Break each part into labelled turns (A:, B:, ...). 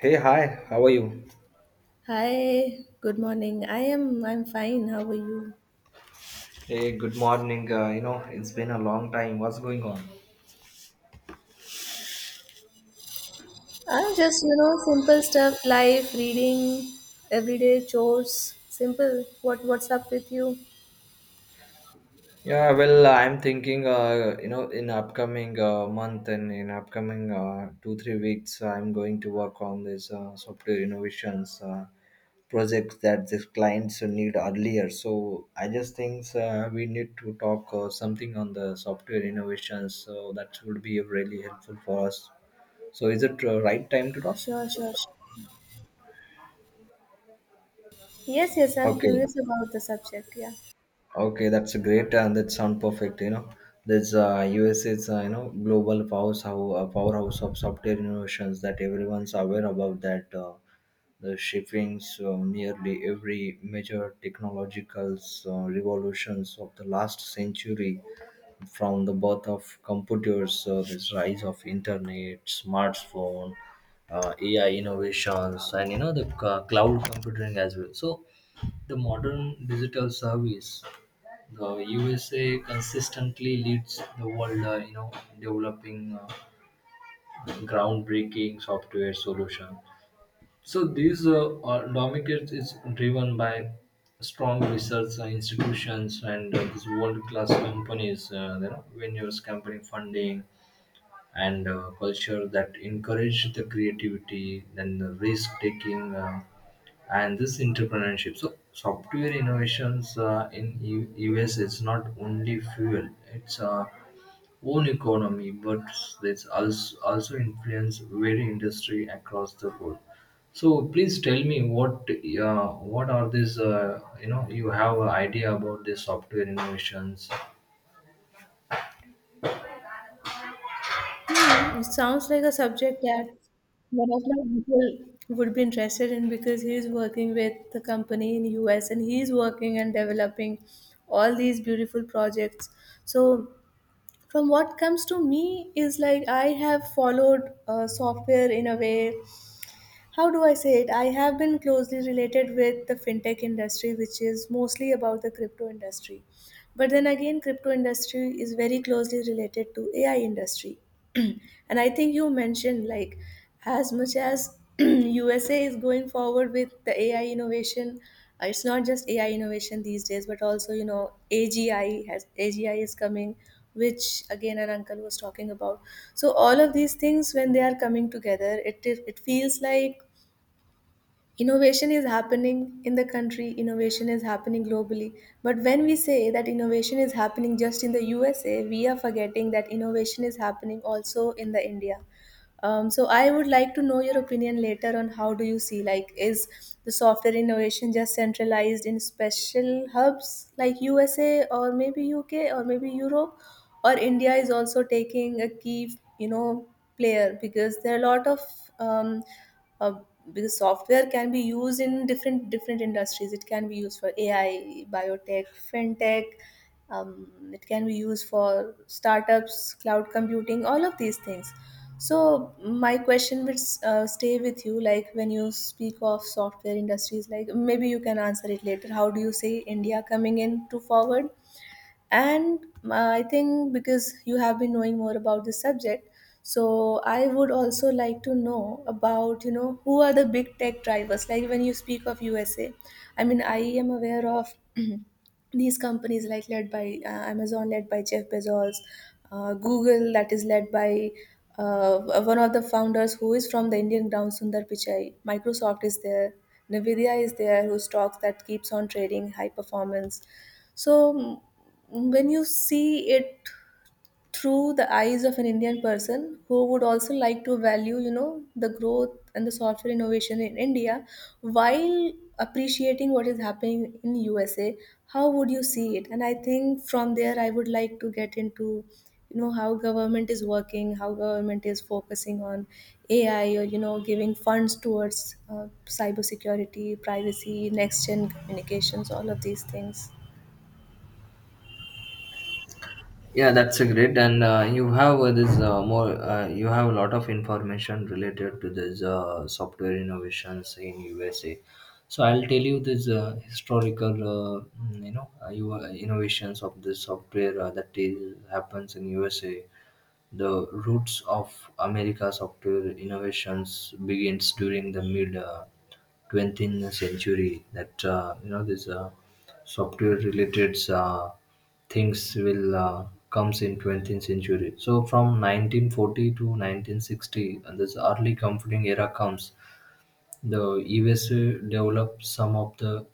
A: Hey, hi, how are you?
B: Hi, good morning. I'm fine. How are you?
A: Hey, good morning. It's been a long time. What's going on?
B: I'm just, you know, simple stuff, life, reading, everyday chores. Simple. What's up with you?
A: Yeah, well, I'm thinking, in upcoming month and in upcoming two, 3 weeks, I'm going to work on this software innovations project that the clients need earlier. So I just think we need to talk something on the software innovations. So that would be really helpful for us. So is it right time to talk?
B: Sure, sure, sure. Yes, yes, I'm
A: Okay.
B: curious about the subject, yeah.
A: Okay, that's a great and that sound perfect. This USA is global powerhouse of software innovations that everyone's aware about. That the shippings nearly every major technological revolutions of the last century, from the birth of computers, this rise of internet, smartphone, AI innovations, and the cloud computing as well. So the modern digital service the USA consistently leads the world, developing groundbreaking software solution. So these autonomic is driven by strong research institutions and these world-class companies, venues, company funding, and culture that encourage the creativity and the risk-taking. And this entrepreneurship so software innovations in us is not only fuel it's own economy but it's also influence very industry across the world. So please tell me what are these you have an idea about these software innovations.
B: Hmm, it sounds like a subject that one of my people would be interested in because he's working with the company in US, and he's working and developing all these beautiful projects. So from what comes to me is, like, I have followed software in a way. How do I say it? I have been closely related with the fintech industry, which is mostly about the crypto industry. But then again, crypto industry is very closely related to AI industry. And I think you mentioned, like, as much as USA is going forward with the AI innovation. It's not just AI innovation these days, but also, you know, AGI. Has AGI is coming, which again our uncle was talking about. So all of these things when they are coming together, it is, it feels like innovation is happening in the country, innovation is happening globally. But when we say that innovation is happening just in the USA, we are forgetting that innovation is happening also in the India. So I would like to know your opinion later on, how do you see, like, is the software innovation just centralized in special hubs like USA or maybe UK or maybe Europe, or India is also taking a key, you know, player, because there are a lot of um, uh, because software can be used in different industries. It can be used for AI, biotech, fintech, it can be used for startups, cloud computing, all of these things. So my question will stay with you, like, when you speak of software industries, like, maybe you can answer it later, how do you see India coming in to forward? And I think because you have been knowing more about this subject, so I would also like to know about, you know, who are the big tech drivers. Like, when you speak of USA, I mean, I am aware of these companies, like led by Amazon, led by Jeff Bezos, Google, that is led by one of the founders who is from the Indian ground, Sundar Pichai. Microsoft is there, Nvidia is there, whose stocks that keeps on trading high performance. So when you see it through the eyes of an Indian person, who would also like to value, you know, the growth and the software innovation in India, while appreciating what is happening in USA, how would you see it? And I think from there, I would like to get into, you know, how government is working, how government is focusing on AI, or, you know, giving funds towards uh, cybersecurity, privacy, next gen communications, all of these things.
A: Yeah, that's a great, and you have this more. You have a lot of information related to this software innovations in USA. So I'll tell you this historical, innovations of this software that is, happens in USA. The roots of America's software innovations begins during the mid 20th century. That this software related things will comes in 20th century. So from 1940 to 1960, and this early computing era comes the USA developed some of the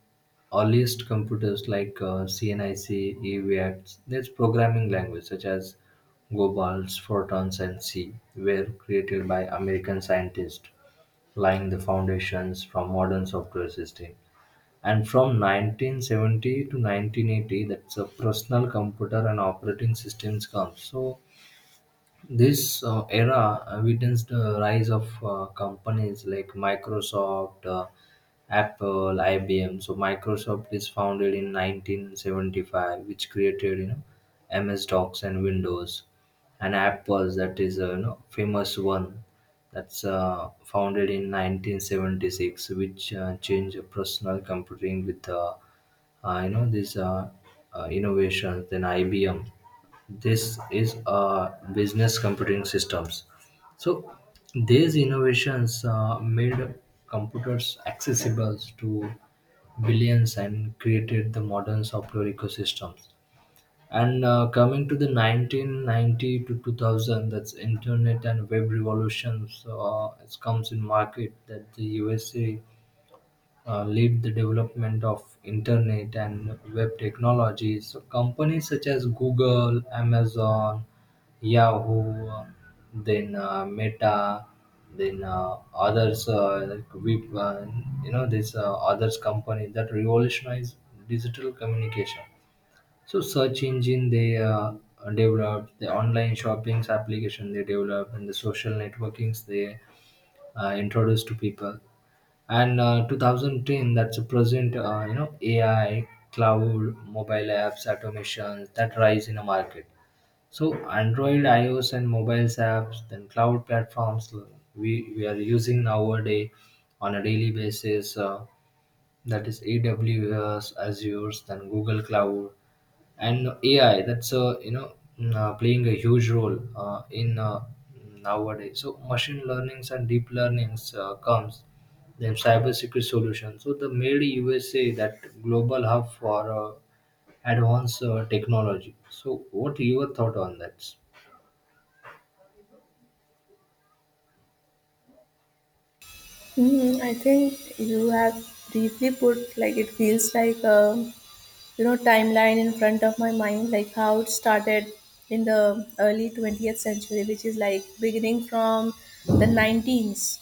A: earliest computers like CNIC, EVATs. These programming languages such as GoBals, Fortons, and C were created by American scientists, laying the foundations from modern software system. And from 1970 to 1980, that's a personal computer and operating systems comes. So this era witnessed the rise of companies like Microsoft, Apple, IBM. So Microsoft is founded in 1975, which created MS Docs and Windows, and Apple that is a famous one that's founded in 1976, which changed personal computing with I know these are innovations. Then IBM, this is business computing systems. So these innovations made computers accessible to billions and created the modern software ecosystems. And coming to the 1990 to 2000, that's internet and web revolutions. It comes in market that the USA lead the development of internet and web technologies. So companies such as Google, Amazon, Yahoo, then Meta, then others, like we, this others company that revolutionize digital communication. So search engine they developed, the online shopping's application they developed, and the social networkings they introduced to people, and 2010 that's a present AI cloud mobile apps automations that rise in a market. So Android iOS and mobiles apps, then cloud platforms we are using nowadays on a daily basis, that is AWS, Azure, then Google Cloud. And AI that's playing a huge role in nowadays. So machine learnings and deep learnings comes, then cybersecurity solutions. So the made USA that global hub for advanced technology. So what your thought on that?
B: Mhm, I think you have briefly put, like, it feels like a, you know, timeline in front of my mind, like how it started in the early 20th century, which is like beginning from the 19s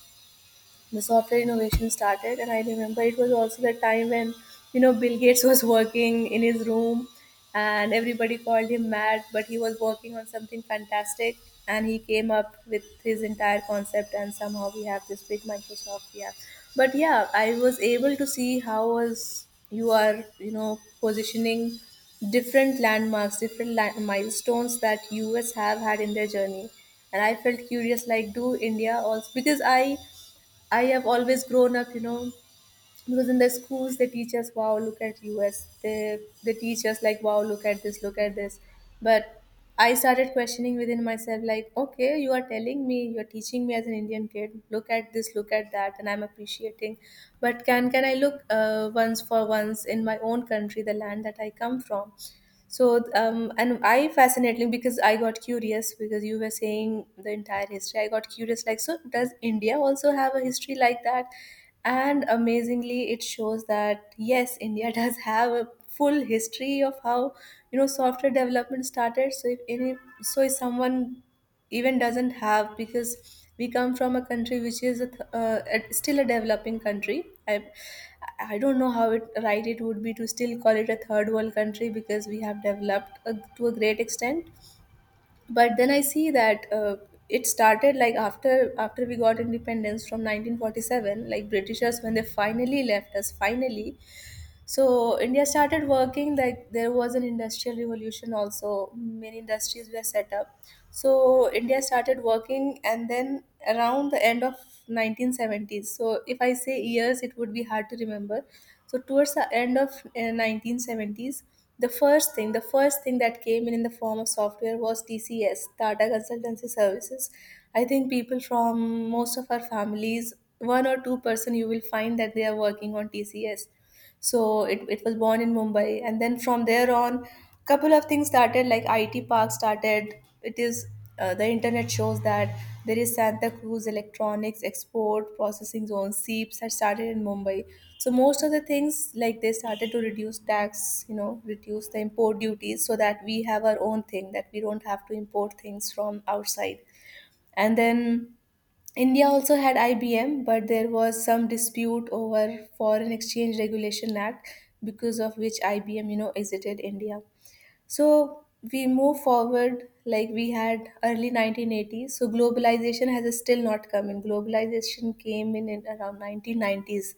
B: the software innovation started. And I remember it was also the time when, you know, Bill Gates was working in his room, and everybody called him mad, but he was working on something fantastic, and he came up with his entire concept, and somehow we have this big Microsoft. Yeah, but yeah, I was able to see how was you are, you know, positioning different landmarks, different milestones that US have had in their journey. And I felt curious, like, do India also, because I have always grown up, you know, because in the schools they teach us, wow, look at US. They teach us like, wow, look at this, look at this. But I started questioning within myself, like, okay, you are telling me, you are teaching me as an Indian kid, look at this, look at that, and I'm appreciating. But can I look, once for once, in my own country, the land that I come from? So, and I fascinating because I got curious, because you were saying the entire history, I got curious, like, so does India also have a history like that? And amazingly, it shows that yes, India does have a full history of how, you know, software development started. So, if any, so if someone even doesn't have, because we come from a country which is a still a developing country. I i don't know how it right it would be to still call it a third world country, because we have developed a, to a great extent. But then I see that it started like after, after we got independence from 1947, like britishers when they finally left us finally. So India started working, like there was an industrial revolution, also many industries were set up. So India started working, and then around the end of 1970s, so if I say years it would be hard to remember, so towards the end of 1970s, the first thing that came in the form of software was TCS, Tata Consultancy Services. I think people from most of our families, one or two person you will find that they are working on TCS. So it was born in Mumbai. And then from there on, couple of things started, like IT Park started. It is the internet shows that there is Santa Cruz Electronics Export Processing Zone, SEEPs, had started in Mumbai. So most of the things, like they started to reduce tax, you know, reduce the import duties, so that we have our own thing, that we don't have to import things from outside. And then India also had IBM, but there was some dispute over Foreign Exchange Regulation Act, because of which IBM, you know, exited India. So we move forward, like we had early 1980s. So globalization has still not come in. Globalization came in around 1990s.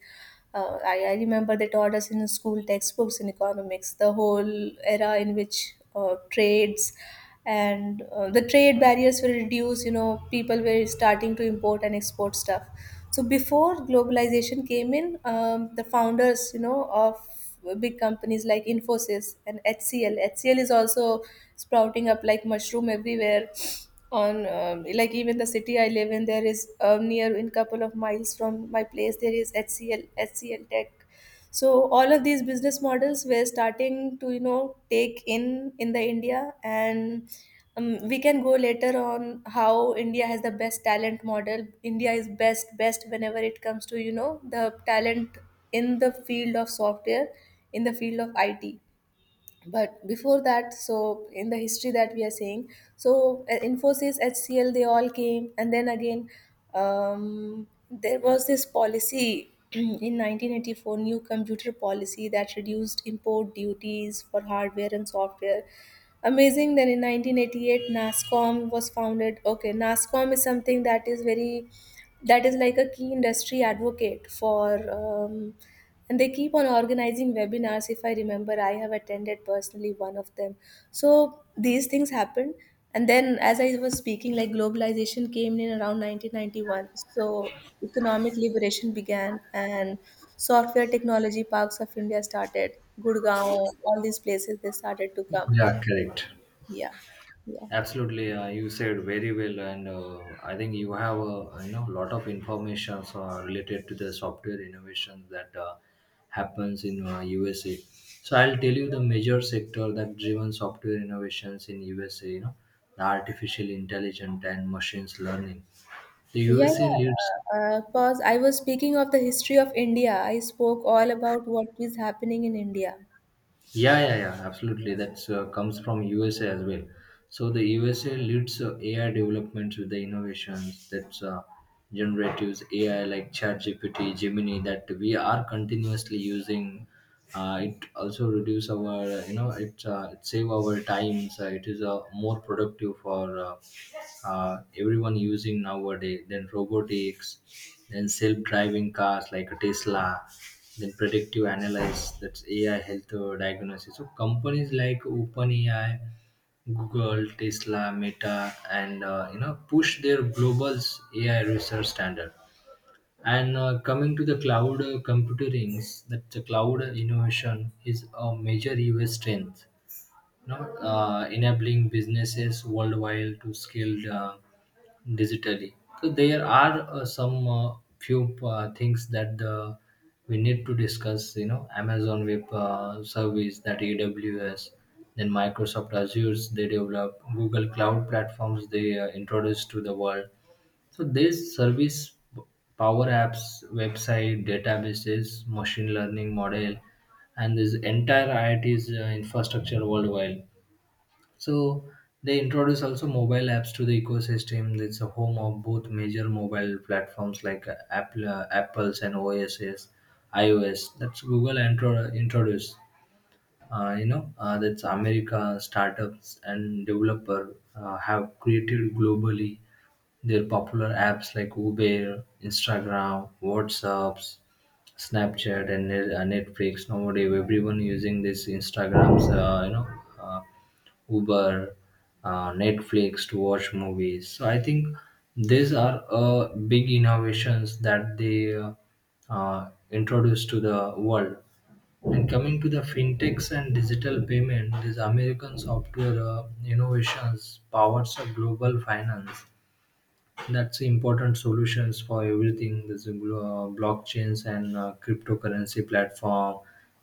B: I remember they taught us in school textbooks in economics the whole era in which trades and the trade barriers were reduced. You know, people were starting to import and export stuff. So before globalization came in, the founders, you know, of big companies like Infosys and HCL. HCL is also sprouting up like mushroom everywhere. On like even the city I live in, there is near in couple of miles from my place there is HCL Tech. So all of these business models were starting to, you know, take in the India. And we can go later on how India has the best talent model. India is best whenever it comes to, you know, the talent in the field of software, in the field of IT. But before that, so in the history that we are saying, so Infosys, HCL, they all came, and then again, there was this policy in 1984, new computer policy that reduced import duties for hardware and software. Amazing. Then in 1988, Nascom was founded. Okay, Nascom is something that is very, that is like a key industry advocate for um, and they keep on organizing webinars. If I remember, I have attended personally one of them. So these things happen. And then as I was speaking, like globalization came in around 1991. So economic liberation began, and software technology parks of India started. Gurgaon, all these places, they started to come.
A: Yeah, correct.
B: Yeah. Yeah.
A: Absolutely, you said very well, and I think you have a lot of information related to the software innovations that happens in USA. So I'll tell you the major sector that driven software innovations in USA. The artificial intelligence and machines learning. The
B: Yeah, yeah.
A: USA leads.
B: Pause. I was speaking of the history of India. I spoke all about what is happening in India.
A: Yeah, yeah, yeah, absolutely. That's comes from USA as well. So the USA leads AI developments with the innovations that's generatives AI like ChatGPT, Gemini that we are continuously using. It also reduce our it save our times. It is more productive for everyone using nowadays. Then robotics, then self driving cars like Tesla, then predictive analysis that's AI health diagnosis. So companies like OpenAI, Google, Tesla, Meta, and push their global AI research standard. And coming to the cloud computing, that the cloud innovation is a major us strength, you know, enabling businesses worldwide to scale digitally. So there are some few things that we need to discuss. Amazon Web Service, that AWS, then Microsoft Azure, they develop Google Cloud platforms, they introduce to the world. So these service power apps, website, databases, machine learning model, and this entire IIT's infrastructure worldwide. So they introduce also mobile apps to the ecosystem. It's a home of both major mobile platforms like Apple, Apple's and OSS, iOS. That's Google introduced. That's America startups and developer have created globally their popular apps like Uber, Instagram, WhatsApps, Snapchat, and Netflix. Nowadays, everyone using this Instagram's uh, Uber, Netflix to watch movies. So I think these are big innovations that they introduced to the world. And coming to the fintechs and digital payment, these American software innovations powers a global finance. That's important solutions for everything. There's a blockchains and cryptocurrency platform,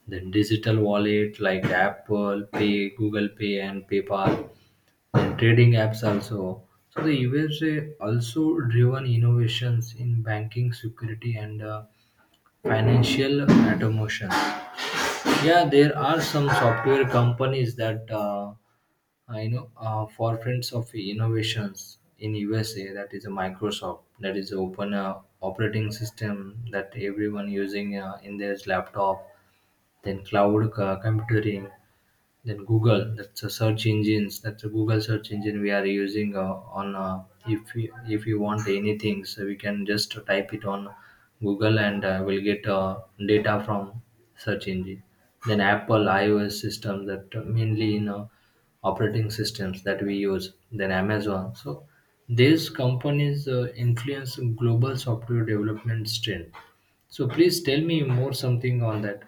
A: then digital wallet like Apple Pay, Google Pay, and PayPal, trading apps also. So the USA also driven innovations in banking, security, and financial automation. Yeah, there are some software companies that forefronts of innovations in USA. That is a Microsoft. That is open operating system that everyone using in their laptop. Then cloud computing, then Google, that's a search engines, that's a Google search engine we are using on. If you want anything, so we can just type it on Google, and we'll get data from search engine. Then Apple iOS system that mainly in operating systems that we use. Then Amazon. So these companies influence global software development trend. So please tell me more something on that.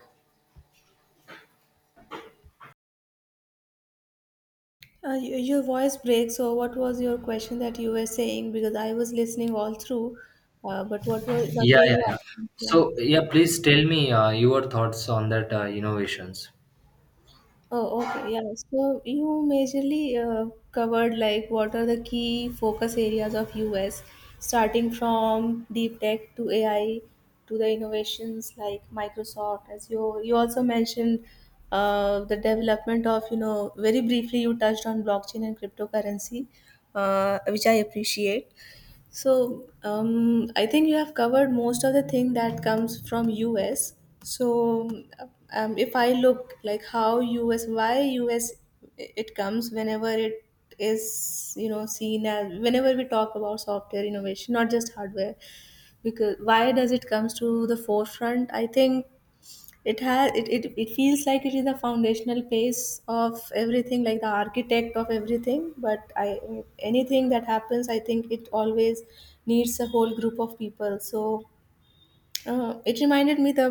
B: Your voice breaks. So, what was your question that you were saying? Because I was listening all through, but what
A: Yeah,
B: were
A: yeah,
B: you
A: yeah.
B: asking? Yeah.
A: So, yeah, please tell me your thoughts on that innovations.
B: Oh, okay. Yeah. So you majorly covered, like, what are the key focus areas of US, starting from deep tech to AI to the innovations like Microsoft. As you also mentioned the development of, you know, very briefly you touched on blockchain and cryptocurrency, which I appreciate. So I think you have covered most of the thing that comes from US. So if I look like how US, why US it comes whenever it is, you know, seen as, whenever we talk about software innovation, not just hardware, because why does it comes to the forefront? I think it feels like it is the foundational place of everything, like the architect of everything. But i anything that happens, I think it always needs a whole group of people. So it reminded me the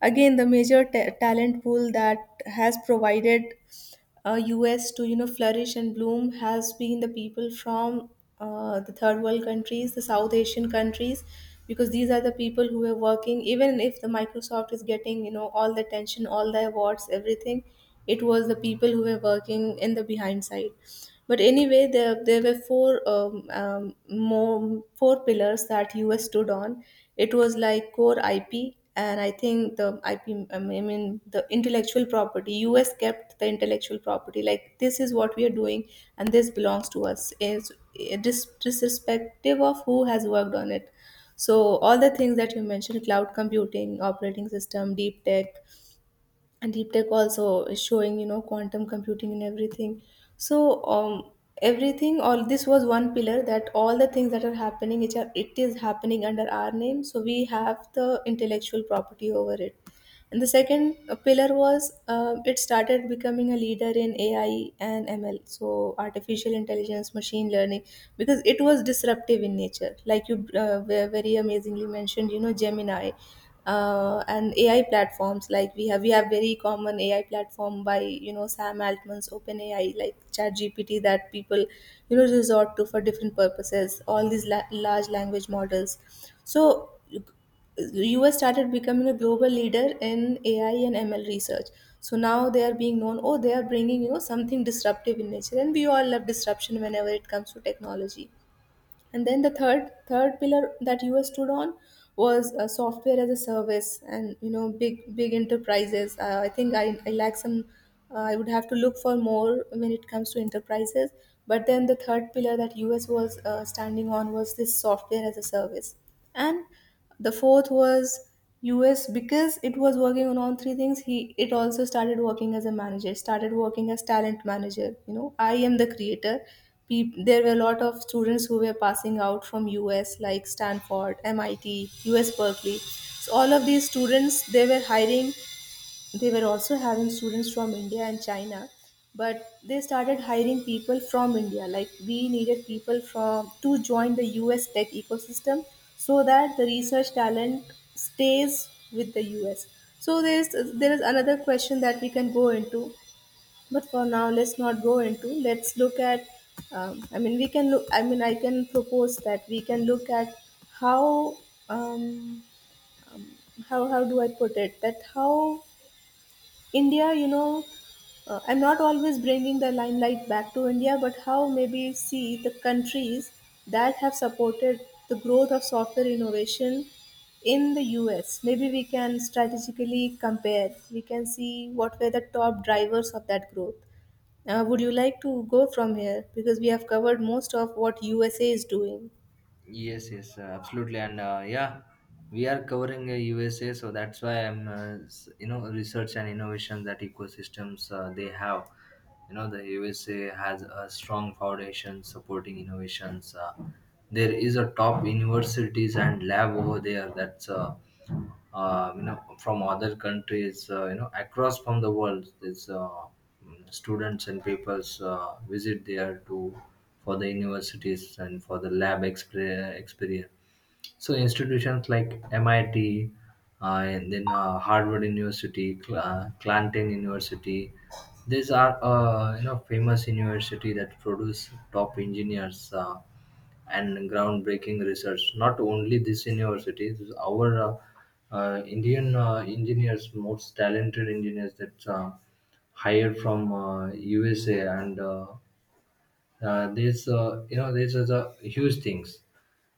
B: again, the major ta talent pool that has provided US to flourish and bloom has been the people from the third world countries, the South Asian countries, because these are the people who are working. Even if the Microsoft is getting all the attention, all the awards, everything, it was the people who were working in the behind side. But anyway, there were four more four pillars that US stood on. It was like core IP, and I think the IP, I mean the intellectual property, us kept the intellectual property, like this is what we are doing and this belongs to us, is disrespective of who has worked on it. So all the things that you mentioned, cloud computing, operating system, deep tech, and deep tech also is showing, you know, quantum computing and everything. So everything, all this was one pillar, that all the things that are happening, which are, it is happening under our name, so we have the intellectual property over it. And the second pillar was, it started becoming a leader in AI and ML, so artificial intelligence, machine learning, because it was disruptive in nature. Like you very amazingly mentioned, you know, Gemini and AI platforms. Like we have very common AI platform by, Sam Altman's OpenAI, like ChatGPT, that people resort to for different purposes. All these large language models. So US started becoming a global leader in AI and ML research. So now they are being known, oh, they are bringing, something disruptive in nature. And we all love disruption whenever it comes to technology. And then the third pillar that US stood on was, software as a service and, big, big enterprises. I think I lack some, I would have to look for more when it comes to enterprises. But then the third pillar that US was standing on was this software as a service. And the fourth was us, because it was working on all three things. He it also started working as a manager, started working as talent manager, you know, I am the creator. Peop There were a lot of students who were passing out from us, like Stanford, MIT, US Berkeley. So all of these students they were hiring. They were also having students from India and China, but they started hiring people from India. Like we needed people from to join the US tech ecosystem so that the research talent stays with the US. So there is another question that we can go into, but for now let's not go into. Let's look at. I mean, we can look. I mean, I can propose that we can look at how. Um, how how do I put it? That how India, you know, I'm not always bringing the limelight back to India, but how maybe see the countries that have supported the growth of software innovation in the US. Maybe we can strategically compare. We can see what were the top drivers of that growth. Would you like to go from here? Because we have covered most of what USA is doing.
A: Yes, yes, absolutely, and yeah, we are covering USA, so that's why I'm, s- you know, research and innovation that ecosystems they have. The USA has a strong foundation supporting innovations. There is a top universities and lab over there that's from other countries across from the world. These students and peoples visit there to for the universities and for the lab experience. So institutions like MIT, and then Harvard University, Clanton University, these are famous university that produce top engineers and groundbreaking research. Not only these universities, our Indian engineers, most talented engineers that hired from USA, and this you know this is a huge things.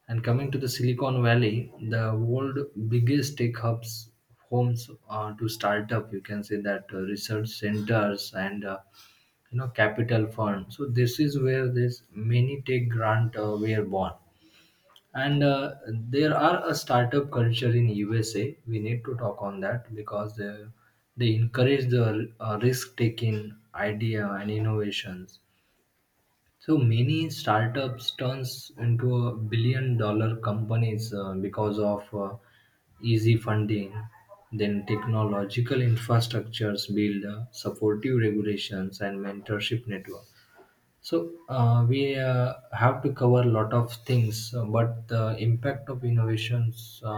A: And coming to the Silicon Valley, the world biggest tech hubs, homes to startup, you can say that research centers and capital firms. So this is where this many tech grant were born. And there are a startup culture in USA. We need to talk on that because they encourage the risk taking idea and innovations, so many startups turns into a billion dollar companies because of easy funding, then technological infrastructures build, supportive regulations and mentorship network. So we have to cover a lot of things, but the impact of innovations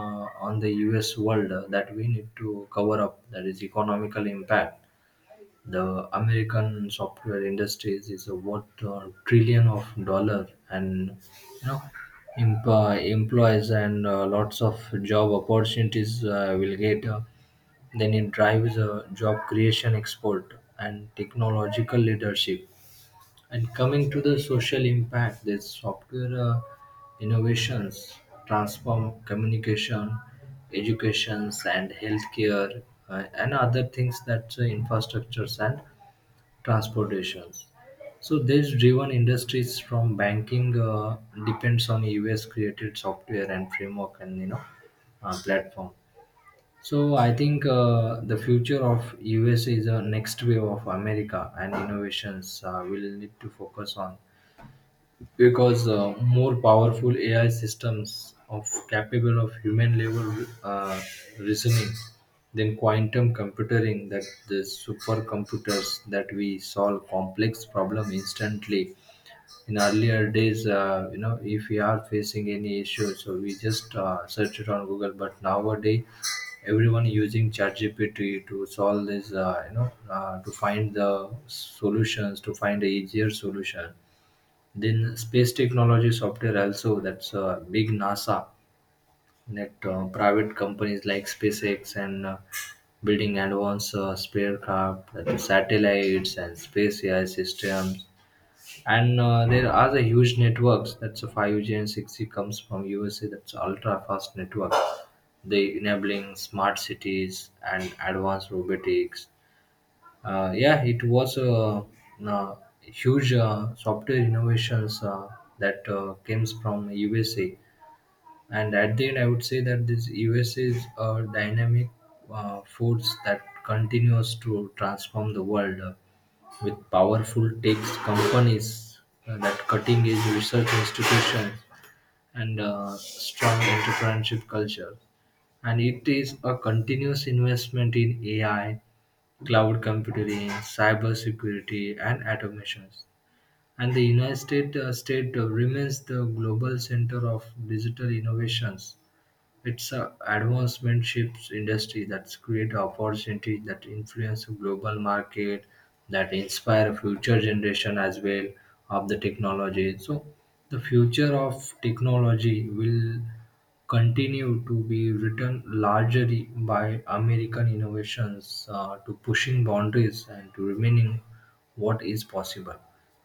A: on the US world that we need to cover up, that is economical impact. The American software industries is a worth a trillion of dollar, and you know emp- employees and lots of job opportunities will get. Then it drives job creation, export, and technological leadership. And coming to the social impact, this software innovations transform communication, educations, and healthcare, and other things that infrastructures and transportation. So these driven industries from banking depends on US created software and framework and platform. So I think the future of US is a next wave of America and innovations will need to focus on, because more powerful AI systems of capable of human level reasoning, than quantum computing that the supercomputers that we solve complex problem instantly. In earlier days, if we are facing any issue, so we just search it on Google, but nowadays everyone using ChatGPT to solve this, to find the solutions, to find the easier solution. Then space technology software also, that's a big NASA, that private companies like SpaceX, and building advanced spacecraft, that is satellites and space AI systems. And there are the huge networks. That's a 5G and 6G comes from USA. That's ultra fast network. They enabling smart cities and advanced robotics, yeah, it was a, huge software innovations that comes from USA. And at the end, I would say that this USA is a dynamic force that continues to transform the world with powerful tech companies that cutting edge research institutions, and strong entrepreneurship culture. And it is a continuous investment in AI cloud computing, cybersecurity, and automations. And the United States state remains the global center of digital innovations. It's a advancement ships industry that's create opportunities that influence global market, that inspire future generation as well of the technology. So the future of technology will continue to be written largely by American innovations to pushing boundaries and to remaining what is possible.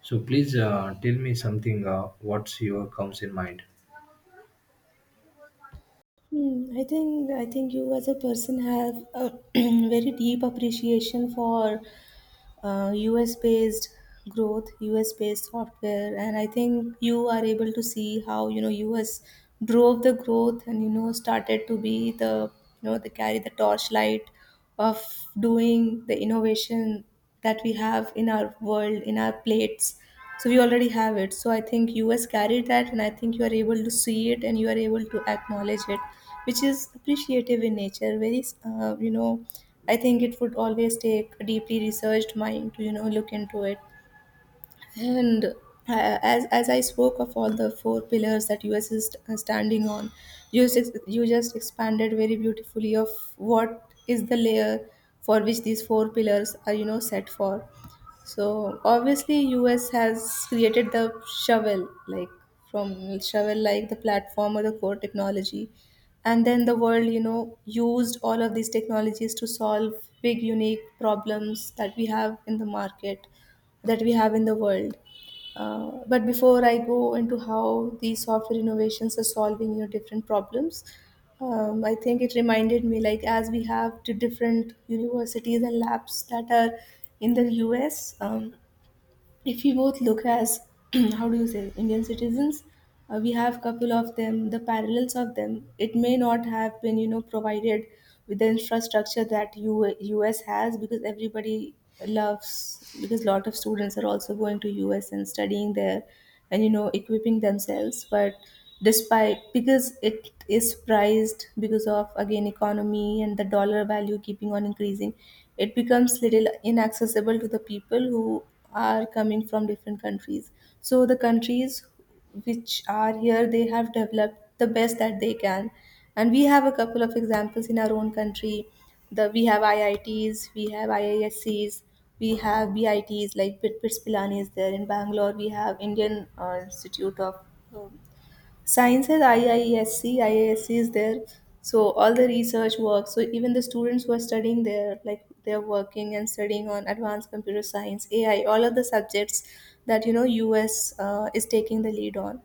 A: So please tell me something. What's your comes in mind?
B: Hmm, I think you as a person have a very deep appreciation for US based growth, US based software, and I think you are able to see how US drove the growth and started to be the, carry the torchlight of doing the innovation that we have in our world, in our plates. So we already have it. So I think us carried that, and I think you are able to see it, and you are able to acknowledge it, which is appreciative in nature, very. I think it would always take a deeply researched mind to look into it. And as I spoke of all the four pillars that US is standing on, you just expanded very beautifully of what is the layer for which these four pillars are, set for. So obviously, US has created the shovel, like, from shovel, like the platform or the core technology, and then the world, used all of these technologies to solve big, unique problems that we have in the market, that we have in the world. But before I go into how these software innovations are solving, different problems, I think it reminded me, like, as we have the different universities and labs that are in the US, if we both look as, how do you say, indian citizens. We have couple of them, the parallels of them. It may not have been provided with the infrastructure that US has, because everybody loves, because lot of students are also going to us and studying there and equipping themselves. But despite, because it is priced, because of, again, economy and the dollar value keeping on increasing, it becomes little inaccessible to the people who are coming from different countries. So the countries which are here, they have developed the best that they can. And we have a couple of examples in our own country. The, we have IITs, we have IISCs, we have BITs, like Bit Pilani is there in Bangalore. We have Indian Institute of um, Science, has IISc, is there. So all the research work. So even the students who are studying there, like, they're working and studying on advanced computer science, AI, all of the subjects that US is taking the lead on.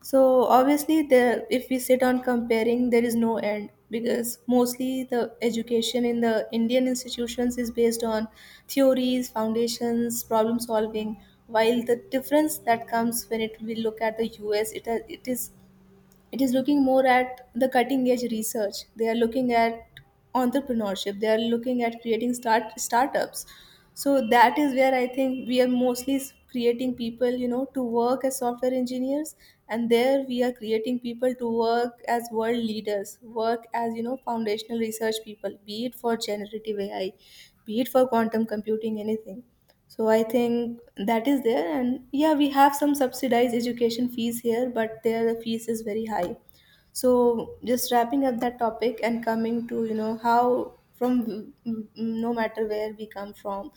B: So obviously, there if we sit on comparing, there is no end, because mostly the education in the Indian institutions is based on theories, foundations, problem solving. While the difference that comes when it we look at the US, it is looking more at the cutting edge research. They are looking at entrepreneurship. They are looking at creating startups. So that is where I think we are mostly creating people, you know, to work as software engineers. And there we are creating people to work as world leaders, work as, foundational research people, be it for generative AI, be it for quantum computing, anything. So I think that is there. And yeah, we have some subsidized education fees here, but there the fees is very high. So just wrapping up that topic and coming to, how from no matter where we come from,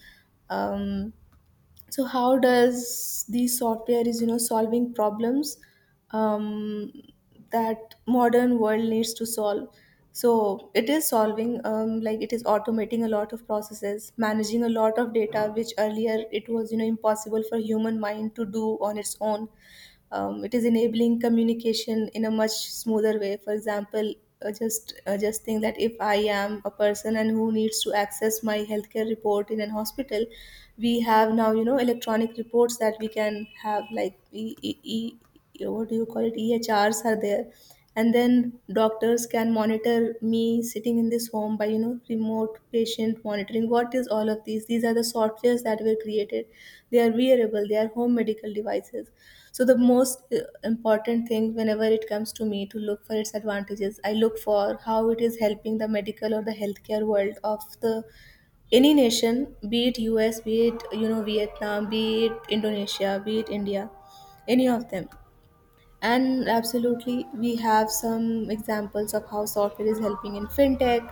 B: um, so how does the software is, solving problems, um, that modern world needs to solve. So it is solving, like, it is automating a lot of processes, managing a lot of data, which earlier it was impossible for human mind to do on its own. It is enabling communication in a much smoother way. For example, just think that, if I am a person and who needs to access my healthcare report in an hospital, we have now electronic reports that we can have, like, what do you call it, EHRs are there. And then doctors can monitor me sitting in this home by remote patient monitoring. What is all of these are the softwares that were created. They are wearable, they are home medical devices. So the most important thing whenever it comes to me to look for its advantages, I look for how it is helping the medical or the healthcare world of the any nation, be it US, be it Vietnam, be it Indonesia, be it India, any of them. And absolutely, we have some examples of how software is helping in fintech,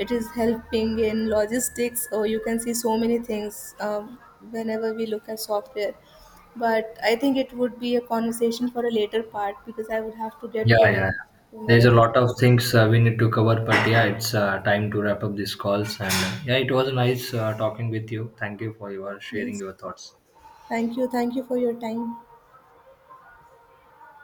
B: it is helping in logistics, or you can see so many things, whenever we look at software. But I think it would be a conversation for a later part because I would have to get
A: Yeah, yeah,
B: going
A: yeah.
B: somewhere
A: There's a
B: else.
A: lot of things we need to cover, but yeah, it's time to wrap up these calls. And yeah, it was nice talking with you. Thank you for your sharing
B: Yes.
A: your thoughts.
B: Thank you. Thank you for your time.